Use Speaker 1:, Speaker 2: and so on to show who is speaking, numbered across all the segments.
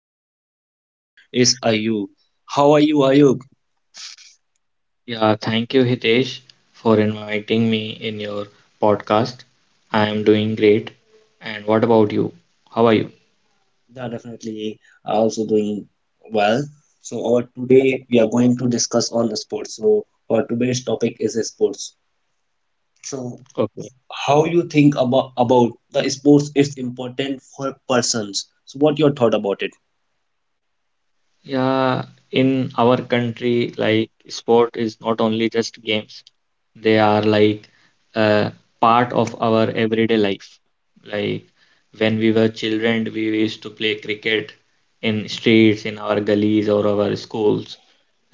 Speaker 1: So our today's guest is Ayub. How are you, Ayub?
Speaker 2: Yeah, thank you, Hitesh, for inviting me in your podcast. I am doing great. And what about you? How are you?
Speaker 1: Yeah, definitely. I also doing well. So our today we are going to discuss on sports. So our today's topic is sports. So
Speaker 2: Okay.
Speaker 1: how you think about the sports is important for persons. So what your thought about it?
Speaker 2: Yeah, in our country, like sport is not only just games. They are like a part of our everyday life. Like when we were children, we used to play cricket in streets, in our gullies or our schools.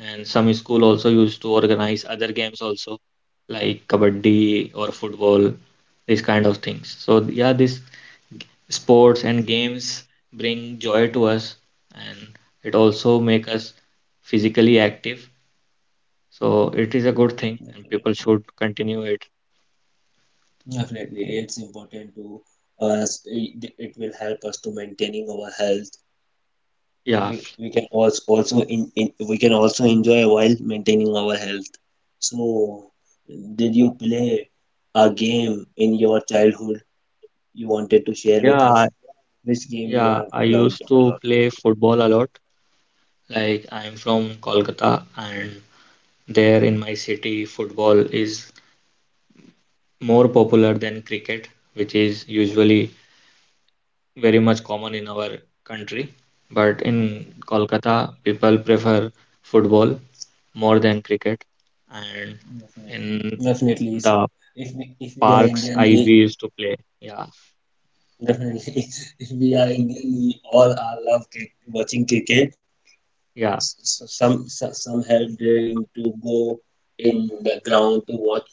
Speaker 2: And some school also used to organize other games also, like kabaddi or football, these kind of things. So yeah, these sports and games bring joy to us, and it also make us physically active. So it is a
Speaker 1: Mm,
Speaker 2: good thing and people
Speaker 1: definitely.
Speaker 2: should continue it.
Speaker 1: Definitely, it's important to us. It will help us to maintaining our health.
Speaker 2: Yeah,
Speaker 1: We can also also in we can also enjoy while maintaining our health. So, did you play a game in your childhood you wanted to share with
Speaker 2: yeah,
Speaker 1: us? Which game you
Speaker 2: yeah,
Speaker 1: have
Speaker 2: I
Speaker 1: loved
Speaker 2: used to
Speaker 1: a lot?
Speaker 2: play football a lot. Like I'm from Kolkata, and there in my city football is more popular than cricket, which is usually very much common in our country. But in Kolkata, people prefer football more than cricket. And
Speaker 1: Definitely,
Speaker 2: in
Speaker 1: definitely. So,
Speaker 2: the
Speaker 1: if we are
Speaker 2: parks,
Speaker 1: Indian,
Speaker 2: I we
Speaker 1: we
Speaker 2: used to play. Yeah,
Speaker 1: definitely if we are Indian, we all are love watching cricket.
Speaker 2: yeah,
Speaker 1: Some have dream to go in the ground to watch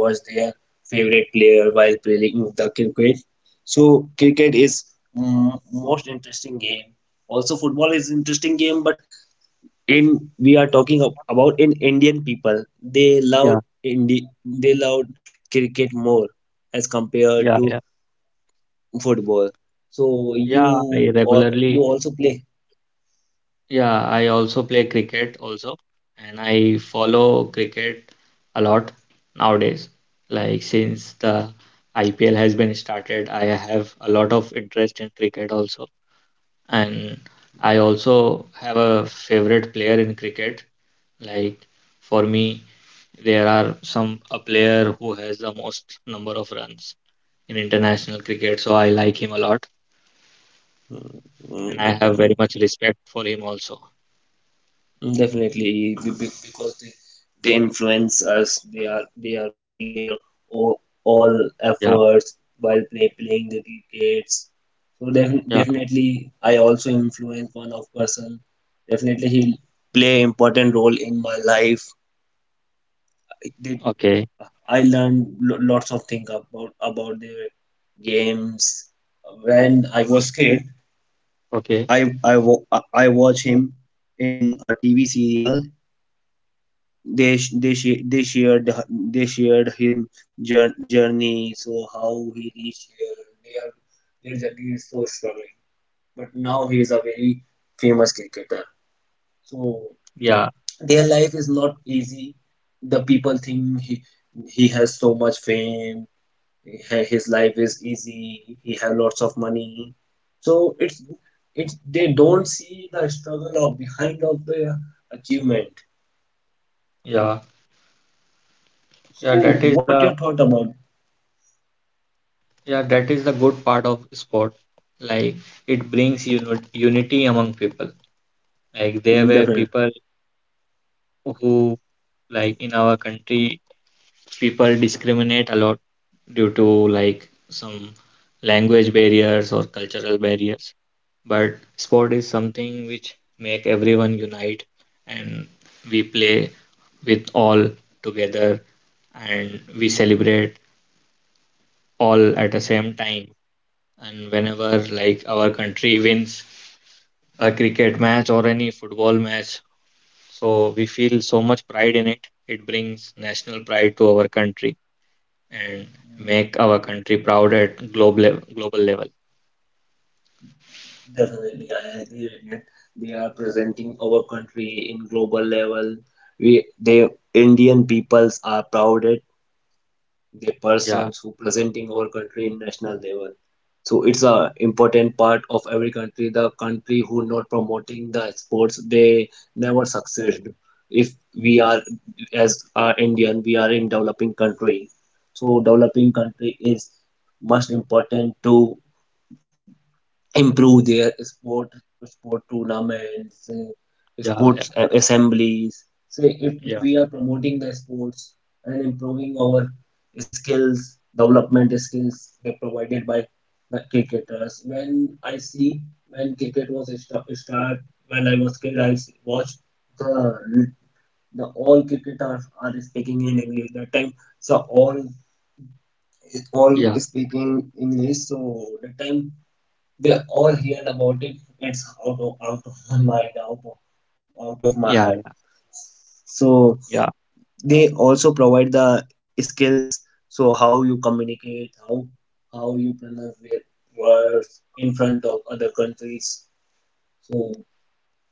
Speaker 1: watch their favorite player while playing the cricket. So cricket is, mm, most interesting game. Also football is interesting game, but in we are talking about in Indian people, they love
Speaker 2: yeah,
Speaker 1: Indi they love cricket more as compared
Speaker 2: yeah,
Speaker 1: to
Speaker 2: yeah.
Speaker 1: football. So you
Speaker 2: Yeah, I
Speaker 1: you
Speaker 2: regularly
Speaker 1: also play.
Speaker 2: yeah, I also play cricket also, and I follow cricket a lot nowadays. Like since the IPL has been started, I have a lot of interest in cricket also. And I also have a favorite player in cricket. Like for me, there are some a player who has the most number of runs in international cricket, so I like him a lot,
Speaker 1: Mm,
Speaker 2: and
Speaker 1: mm,
Speaker 2: I have very
Speaker 1: definitely.
Speaker 2: much respect for him also.
Speaker 1: Mm, definitely, because they influence us. They are putting their all
Speaker 2: Yeah,
Speaker 1: efforts while playing the crickets. So def-
Speaker 2: yeah,
Speaker 1: definitely, I also influence one of person. Definitely, he'll play important role in my life. I did
Speaker 2: okay,
Speaker 1: I learned lots of things about their games. When I was kid,
Speaker 2: okay.
Speaker 1: I I wa- I watch him in a TV serial. They sh- they sh- they shared the, they shared him journey, so how he reached here. Their journey is so struggling, but now he is a very famous cricketer. So
Speaker 2: Yeah,
Speaker 1: their life is not easy. The people think he has so much fame. His life is easy, he has lots of money, so it's they don't see the struggle of behind of the achievement.
Speaker 2: yeah,
Speaker 1: So
Speaker 2: yeah, that is
Speaker 1: what your
Speaker 2: the
Speaker 1: thought about?
Speaker 2: yeah, that is the good part of sport. Like it brings unity among people. Like there
Speaker 1: Mm,
Speaker 2: were
Speaker 1: definitely.
Speaker 2: people who, like in our country, people discriminate a lot due to like some language barriers or cultural barriers. But sport is something which make everyone unite, and we play with all together, and we celebrate all at the same time, and whenever like our country wins a cricket match or any football match, so we feel so much pride in it. It brings national pride to our country and
Speaker 1: Mm,
Speaker 2: make our country proud at global level.
Speaker 1: definitely, I agree with you. They are presenting our country in global level. We, the Indian peoples are proud at the
Speaker 2: Yeah,
Speaker 1: persons who presenting our country in national level. So it's a important part of every country. The country who not promoting the sports, they never succeed. If we are as a Indian, we are in developing country. So developing country is most important to improve their sport tournaments,
Speaker 2: yeah,
Speaker 1: sports
Speaker 2: yeah,
Speaker 1: assemblies. So if
Speaker 2: yeah,
Speaker 1: we are promoting the sports and improving our skills, development skills that provided by the cricketers, when I see, when cricket was a start, when I was kid, I watched the, all cricketers are speaking in English that time. So all
Speaker 2: yeah,
Speaker 1: speaking English. So that time, they all heard about it. It's out of my mind, out of my
Speaker 2: yeah,
Speaker 1: head. So
Speaker 2: yeah,
Speaker 1: they also provide the skills. So how you communicate, how you pronounce their words in front of other countries. So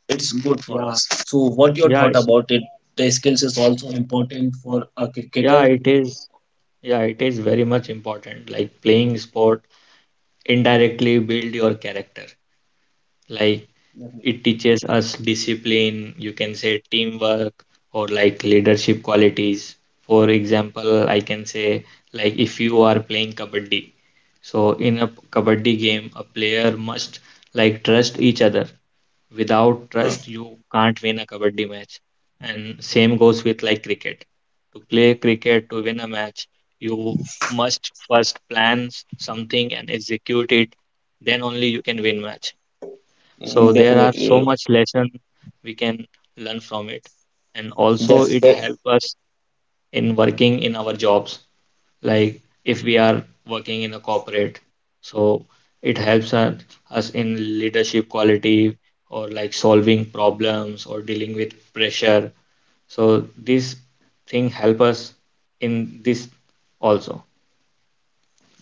Speaker 1: it's good for
Speaker 2: yeah,
Speaker 1: us. So what your
Speaker 2: yeah,
Speaker 1: thought about it? The skills is also important for a
Speaker 2: yeah,
Speaker 1: cricketer.
Speaker 2: it is very much important. Like playing sport indirectly build your character. Like, it teaches us discipline, you can say teamwork, or like leadership qualities. For example, I can say, like, if you are playing kabaddi. So in a kabaddi game, a player must like trust each other. Without trust, you can't win a kabaddi match. And same goes with like cricket. To play cricket, to win a match, you must first plan something and execute it. Then only you can win match. So there are so
Speaker 1: Okay.
Speaker 2: much lesson we can learn from it. And also
Speaker 1: Yes,
Speaker 2: it help us in working in our jobs. Like if we are working in a corporate, so it helps us in leadership quality, or like solving problems or dealing with pressure. So this thing help us in this also.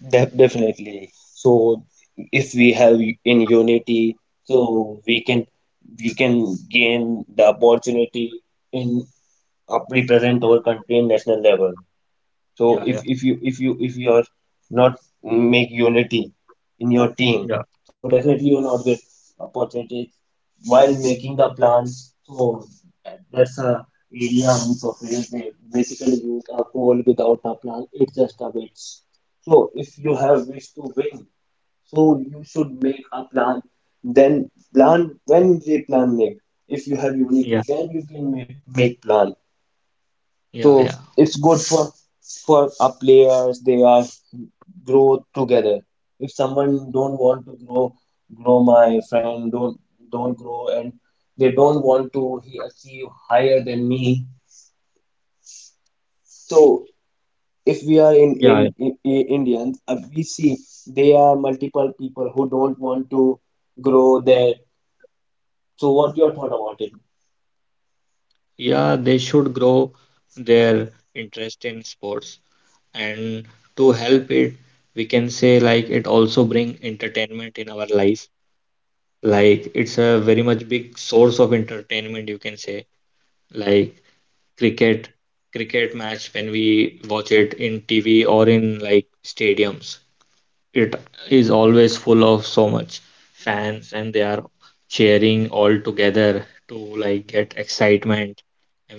Speaker 1: definitely. So if we have in unity, so we can gain the opportunity in, represent
Speaker 2: Yeah,
Speaker 1: our country in national level. So if
Speaker 2: yeah,
Speaker 1: if you if you if you're not make unity in your team,
Speaker 2: yeah,
Speaker 1: so definitely you'll not get opportunities while making the plan. So that's a area use of real estate. Basically, use a goal without a plan. It's just a bit. So if you have wish to win, so you should make a plan. Then plan when they plan make. If you have unity,
Speaker 2: yeah,
Speaker 1: then you can make plan.
Speaker 2: yeah,
Speaker 1: So
Speaker 2: yeah,
Speaker 1: it's good for our players. They are grow together. If someone don't want to grow, grow my friend, don't grow, and they don't want to he achieve higher than me. So if we are in
Speaker 2: yeah.
Speaker 1: in, in, in Indians, we see there are multiple people who don't want to grow there. So what your thought about it?
Speaker 2: Yeah, they should grow their interest in sports, and to help it, we can say like it also bring entertainment in our life. Like it's a very much big source of entertainment, you can say. Like cricket, cricket match, when we watch it in TV or in like stadiums, it is always full of so much fans, and they are cheering all together to like get excitement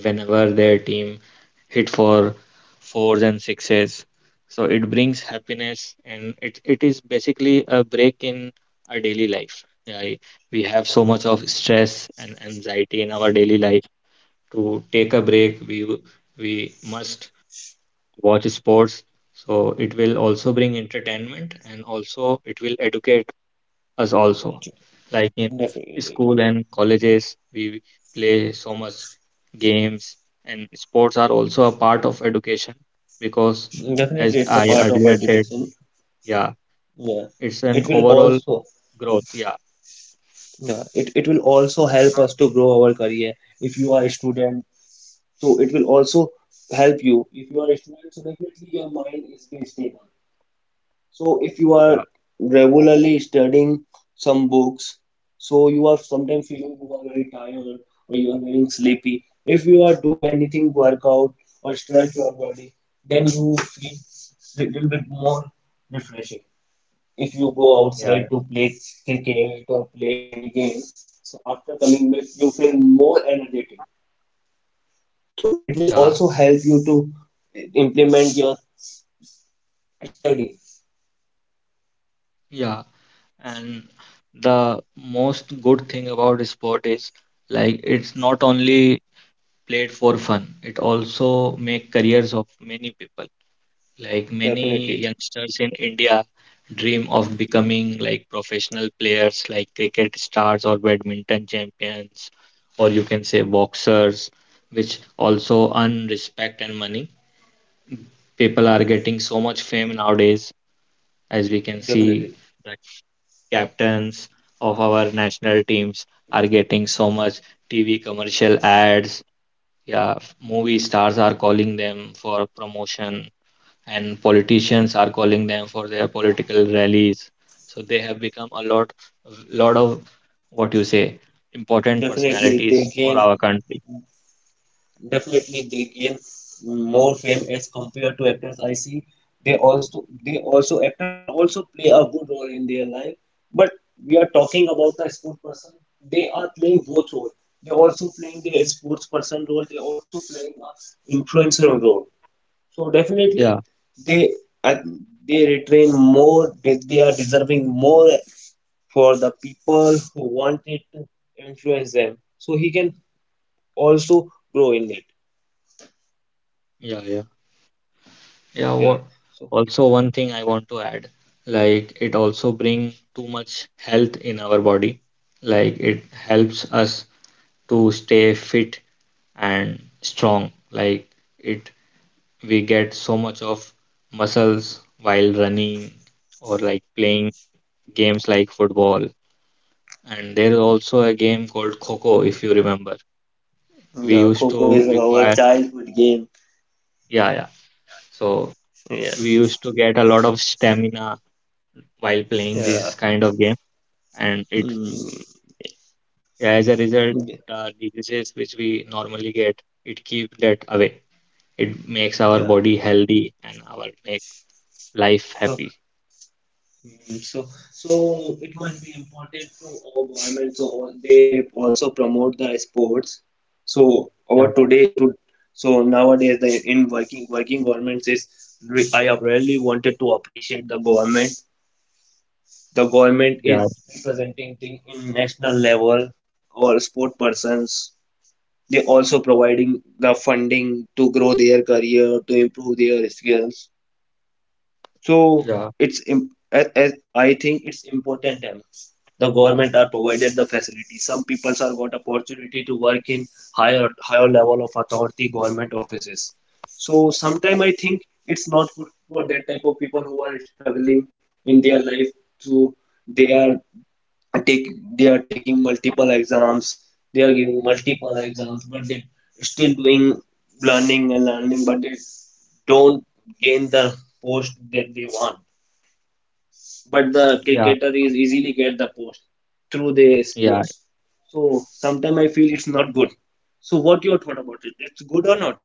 Speaker 2: whenever their team hit for fours and sixes. So it brings happiness, and it is basically a break in our daily life. Yeah, we have so much of stress and anxiety in our daily life. To take a break, we must watch sports. So it will also bring entertainment, and also it will educate us also.
Speaker 1: Edu-
Speaker 2: Like in
Speaker 1: Definitely,
Speaker 2: school and colleges, we play so much games, and sports are also a part of education because, as
Speaker 1: definitely, it's a
Speaker 2: I
Speaker 1: part of
Speaker 2: earlier said,
Speaker 1: education.
Speaker 2: yeah,
Speaker 1: Yeah,
Speaker 2: it's an
Speaker 1: it will
Speaker 2: overall
Speaker 1: also.
Speaker 2: growth. Yeah.
Speaker 1: Yeah, it will also help us to grow our career if you are a student. So it will also help you if you are a student. So definitely your mind is very stable. So if you are
Speaker 2: Yeah,
Speaker 1: regularly studying some books, so you are sometimes feeling you are very tired, or you are getting sleepy. If you are do anything workout or stretch your body, then you feel little bit more refreshing. If you go
Speaker 2: yeah,
Speaker 1: outside to play cricket or play any game, so after coming back, you feel more energetic. So it
Speaker 2: yeah,
Speaker 1: will
Speaker 2: yeah,
Speaker 1: also help you to implement your study.
Speaker 2: yeah. And the most good thing about sport is like it's not only played for fun. It also make careers of many people. Like many
Speaker 1: Definitely,
Speaker 2: youngsters in India dream of becoming like professional players, like cricket stars or badminton champions, or you can say boxers, which also earn respect and money. People are getting so much fame nowadays, as we can see
Speaker 1: definitely,
Speaker 2: the captains of our national teams are getting so much TV commercial ads. Yeah, movie stars are calling them for promotion, and politicians are calling them for their political rallies. So they have become a lot of what you say, important
Speaker 1: definitely. They
Speaker 2: personalities for
Speaker 1: gain
Speaker 2: our country.
Speaker 1: Definitely, they gain more fame as compared to actors. I see, they also actors are also play a good role in their life. But we are talking about the sport person. They are playing both role. They also playing the sports person role. They also playing a influencer role. So
Speaker 2: Yeah,
Speaker 1: definitely, they uh, they retain more. They are deserving more for the people who wanted to influence them. So he can also grow in it.
Speaker 2: yeah, yeah, yeah.
Speaker 1: Yeah.
Speaker 2: What?
Speaker 1: So
Speaker 2: Also, one thing I want to add, like it also bring too much health in our body. Like it helps us to stay fit and strong. Like it we get so much of muscles while running, or like playing games like football. And there is also a game called Kho, if you remember. We
Speaker 1: yeah,
Speaker 2: used
Speaker 1: Coco
Speaker 2: to
Speaker 1: is our
Speaker 2: require,
Speaker 1: childhood game.
Speaker 2: yeah, yeah. So
Speaker 1: Yeah.
Speaker 2: we used to get a lot of stamina while playing
Speaker 1: Yeah.
Speaker 2: this kind of game, and
Speaker 1: Mm,
Speaker 2: as a result,
Speaker 1: yeah.
Speaker 2: the diseases which we normally get, it keeps that away. It makes our
Speaker 1: Yeah.
Speaker 2: body healthy and our make life
Speaker 1: So,
Speaker 2: happy.
Speaker 1: mm, so so it must be important to our government. So they also promote the sports. So, our
Speaker 2: Yeah,
Speaker 1: today to so nowadays, the in working governments is, I have really wanted to appreciate the government. The government
Speaker 2: yeah,
Speaker 1: is representing thing in national level or sport persons. They also providing the funding to grow their career, to improve their skills. So
Speaker 2: yeah,
Speaker 1: it's as I think it's important. The government are provided the facility. Some people are got opportunity to work in higher level of authority government offices. So sometime I think it's not good for that type of people who are struggling in their life. So they are take they are taking multiple exams, they are giving multiple exams, but they still doing learning and learning, but they don't gain the post that they want. But the
Speaker 2: yeah.
Speaker 1: cricketer is easily get the post through their
Speaker 2: Yeah,
Speaker 1: sports. So sometimes I feel it's not good. So what your thought about it, it's good or not?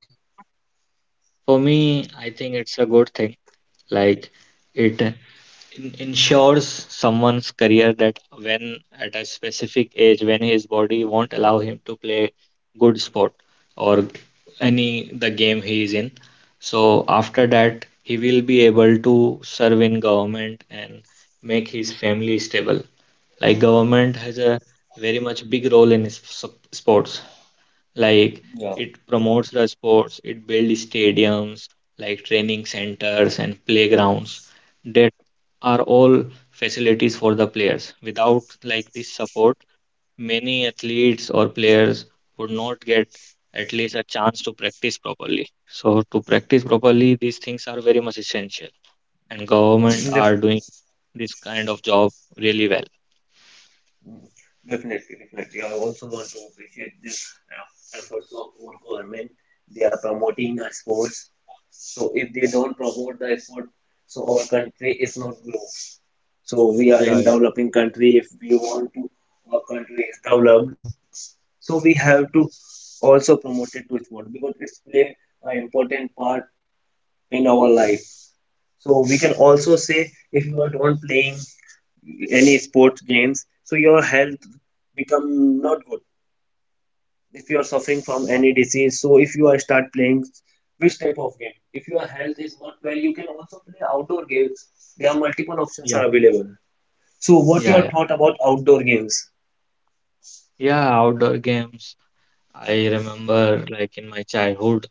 Speaker 2: for me, I think it's a good thing. Like it, ensures someone's career, that when at a specific age, when his body won't allow him to play good sport or any the game he is in. So after that, he will be able to serve in government and make his family stable. Like government has a very much big role in sports. Like
Speaker 1: Yeah.
Speaker 2: it promotes the sports, it builds stadiums, like training centers and playgrounds, that are all facilities for the players. Without like this support, many athletes or players would not get at least a chance to practice properly. So to practice properly, these things are very much essential, and government are
Speaker 1: Yes.
Speaker 2: doing this kind of job really well.
Speaker 1: Definitely, definitely. I also want to appreciate this, efforts of our government. They are promoting our sports. So if they don't promote the sport, so our country is not grow. So we are in
Speaker 2: Yeah, yeah,
Speaker 1: developing country. If we want to, our country is developed. So we have to also promote it to sport, because it's play an important part in our life. So we can also say, if you are not playing any sports games, so your health become not good. If you are suffering from any disease, so if you are start playing which type of game, if your health is not well, you can also play outdoor games. There are multiple options
Speaker 2: yeah,
Speaker 1: are available. So what
Speaker 2: yeah,
Speaker 1: your
Speaker 2: yeah.
Speaker 1: thought about outdoor games?
Speaker 2: Yeah, outdoor games. I remember like in my childhood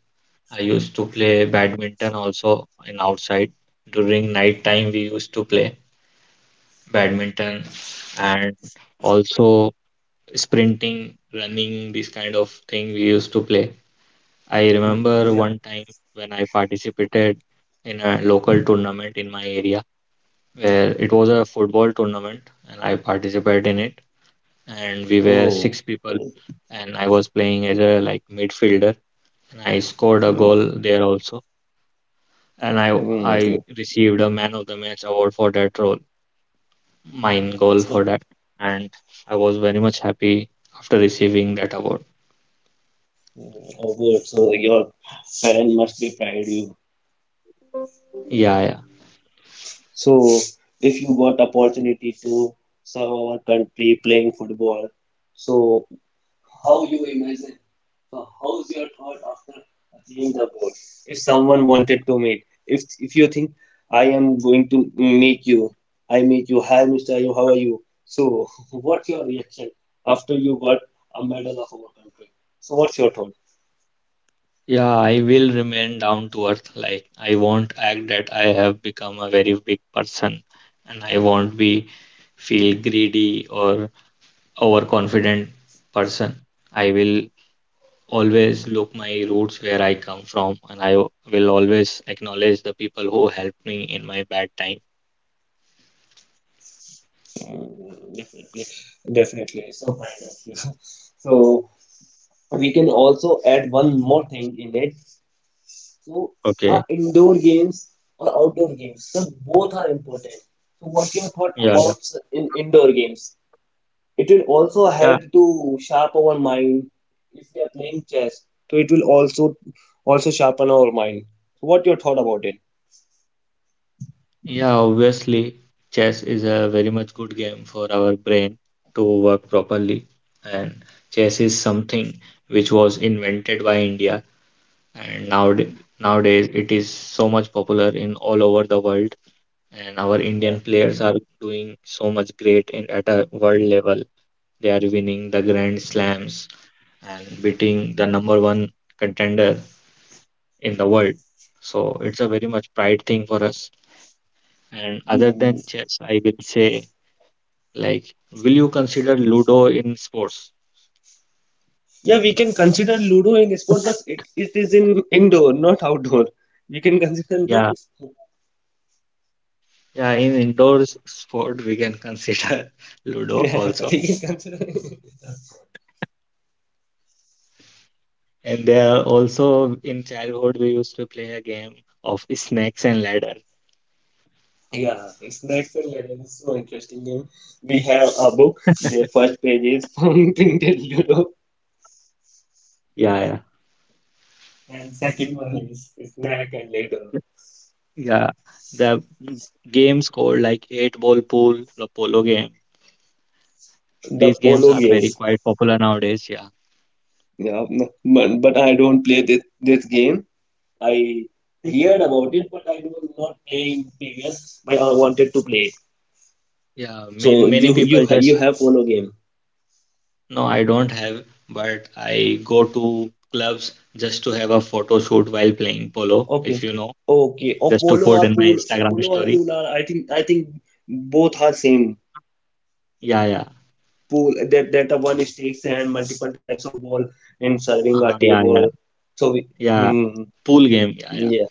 Speaker 2: I used to play badminton also in outside. During night time, we used to play badminton, and also sprinting, running, this kind of thing we used to play. I
Speaker 1: Hmm,
Speaker 2: remember
Speaker 1: yeah.
Speaker 2: one time when I participated in a local tournament in my area, where it was a football tournament, and I participated in it, and we were
Speaker 1: Oh.
Speaker 2: six people, and I was playing as a like midfielder, and I scored a
Speaker 1: Mm,
Speaker 2: goal there also, and I
Speaker 1: mm, good.
Speaker 2: I received a man of the match award for that role, mine goal for
Speaker 1: So,
Speaker 2: that, and I was very much happy after receiving that award.
Speaker 1: oh good, so your parent must be proud you.
Speaker 2: Yeah, yeah,
Speaker 1: So if you got opportunity to serve our country playing football, so how you imagine. So how's your thought after achieving the goal? If someone wanted to meet, if you think I am going to meet you, I meet you. Hi, Mr. Ayub, how are you? So, what's your reaction after you got a medal of our country? So what's your thought?
Speaker 2: yeah. I will remain down to earth. Like I won't act that I have become a very big person, and I won't be feel greedy or overconfident person. I will always look my roots where I come from, and I will always acknowledge the people who helped me in my bad time.
Speaker 1: Mm, definitely, definitely. So, kind so we can also add one more thing in it. So,
Speaker 2: Okay.
Speaker 1: are indoor games or outdoor games? So both are important. So what your thought
Speaker 2: Yeah, yeah,
Speaker 1: about in indoor games? It will also
Speaker 2: yeah,
Speaker 1: help to sharpen our mind. If we are playing chess, so it will also sharpen our mind. So what your thought about it?
Speaker 2: yeah. Obviously, chess is a very much good game for our brain to work properly. And chess is something which was invented by India, and nowadays it is so much popular in all over the world. And our
Speaker 1: Yeah.
Speaker 2: Indian players are doing so much great in at a world level. They are winning the Grand Slams and beating the number one contender in the world. So it's a very much pride thing for us. And other
Speaker 1: Hmm.
Speaker 2: than chess, I will say, like, will you consider Ludo in sports?
Speaker 1: Yeah, we can consider Ludo in sport, but it is in indoor, not outdoor. We can consider not.
Speaker 2: Yeah, yeah, in indoors sport, we can consider Ludo
Speaker 1: Yeah,
Speaker 2: also.
Speaker 1: we can consider.
Speaker 2: And there are also in childhood, we used to play a game of snakes and ladder.
Speaker 1: Yeah, it's next level. It's so interesting game. We have a book. The first page is from Tintin Ludo,
Speaker 2: Yeah,
Speaker 1: and second one is Snack and later.
Speaker 2: yeah, yeah. The games called like eight ball pool, the polo game.
Speaker 1: The
Speaker 2: These games
Speaker 1: polo
Speaker 2: are
Speaker 1: game.
Speaker 2: very quite popular nowadays. Yeah,
Speaker 1: Yeah, but I don't play this game. I heard about it, but I was not playing previous. But I wanted to play.
Speaker 2: yeah. Many
Speaker 1: So
Speaker 2: many
Speaker 1: you
Speaker 2: people
Speaker 1: you ha- you
Speaker 2: just.
Speaker 1: have polo game.
Speaker 2: No, I don't have, but I go to clubs just to have a photo shoot while playing polo,
Speaker 1: Okay,
Speaker 2: if you know,
Speaker 1: okay. Or
Speaker 2: just to put in my Instagram
Speaker 1: polo or
Speaker 2: story.
Speaker 1: pool are, I think both are same.
Speaker 2: Yeah, yeah.
Speaker 1: Pool, that a one stakes and multiple types of ball in serving a
Speaker 2: Yeah,
Speaker 1: table.
Speaker 2: yeah,
Speaker 1: So
Speaker 2: yeah.
Speaker 1: hmm,
Speaker 2: Pool game. Yeah, yeah.
Speaker 1: yeah,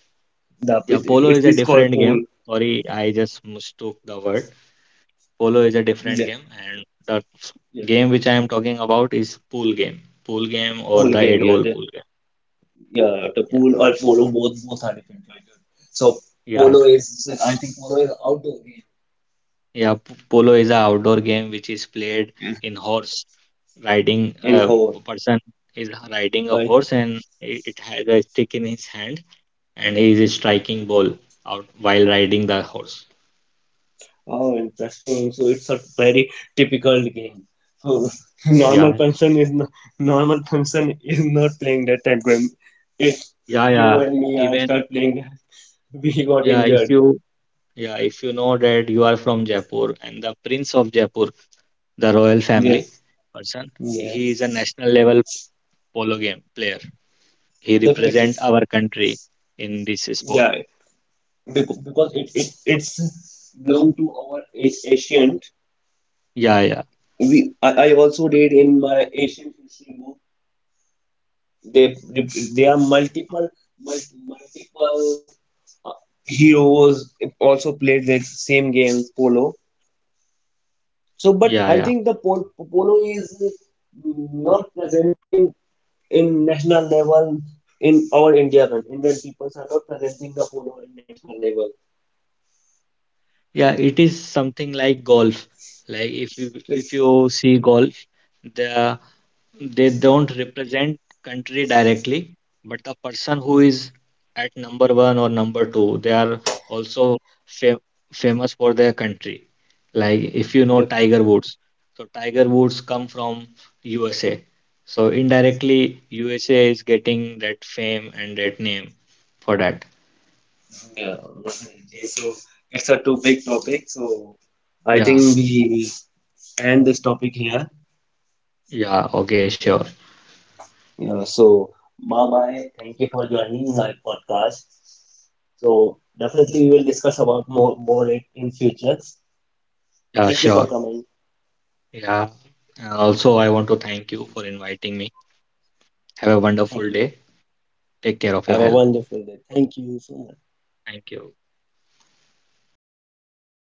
Speaker 1: the
Speaker 2: Yeah,
Speaker 1: it,
Speaker 2: polo
Speaker 1: it's
Speaker 2: is a
Speaker 1: it's called
Speaker 2: different game.
Speaker 1: pool.
Speaker 2: Sorry, I just mistook the word. Polo is a different
Speaker 1: Yeah,
Speaker 2: game, and the
Speaker 1: yeah,
Speaker 2: game which I am talking about is pool game. Pool game or
Speaker 1: pool
Speaker 2: the
Speaker 1: game.
Speaker 2: eight
Speaker 1: Yeah,
Speaker 2: ball pool game.
Speaker 1: yeah, the
Speaker 2: Yeah,
Speaker 1: pool or polo, both are different. Right? So
Speaker 2: yeah.
Speaker 1: polo is, I think polo is outdoor game
Speaker 2: Yeah, polo is a outdoor game, which is played in horse riding.
Speaker 1: in whole,
Speaker 2: A person is riding a
Speaker 1: right?
Speaker 2: horse, and it has a stick in his hand, and he is striking ball out while riding the horse.
Speaker 1: Oh, interesting. So it's a very difficult game. So, normal
Speaker 2: Yeah,
Speaker 1: person is not, normal person is not playing that type game. If
Speaker 2: yeah,
Speaker 1: you
Speaker 2: yeah.
Speaker 1: and me, I
Speaker 2: Even,
Speaker 1: start playing that, we got
Speaker 2: yeah, if
Speaker 1: injured.
Speaker 2: you yeah, if you know that you are from Jaipur and the Prince of Jaipur, the royal family
Speaker 1: Yes.
Speaker 2: person,
Speaker 1: Yeah.
Speaker 2: he is a national level polo game player. He
Speaker 1: Definitely.
Speaker 2: represent our country in this sport.
Speaker 1: Yeah. Because it's belong to our ancient.
Speaker 2: Yeah, yeah,
Speaker 1: I also did in my ancient history book. They there are multiple multiple, uh, heroes also played the same games polo. So, but
Speaker 2: yeah,
Speaker 1: I
Speaker 2: yeah.
Speaker 1: think the polo is not presenting in national level in our India country. Indian people are not presenting the polo in national level.
Speaker 2: Yeah, it is something like golf. Like if you if
Speaker 1: It's,
Speaker 2: you see golf, the they don't represent country directly, but the person who is at number one or number two, they are also fam famous for their country. Like if you know
Speaker 1: yeah,
Speaker 2: Tiger Woods, so Tiger Woods come from USA. So indirectly, USA is getting that fame and that name for that.
Speaker 1: yeah, so it's a too big topic. So I think
Speaker 2: Yeah,
Speaker 1: we end this topic here.
Speaker 2: yeah, okay, sure.
Speaker 1: Yeah, so bye bye. Thank you for joining my podcast. So definitely we will discuss about more it in future.
Speaker 2: Yeah,
Speaker 1: Thank you
Speaker 2: sure.
Speaker 1: for coming.
Speaker 2: Yeah. And also, I want to thank you for inviting me. Have a
Speaker 1: Thank
Speaker 2: wonderful
Speaker 1: you.
Speaker 2: day. Take care of your
Speaker 1: Have a
Speaker 2: health.
Speaker 1: wonderful day. Thank you so much.
Speaker 2: Thank you.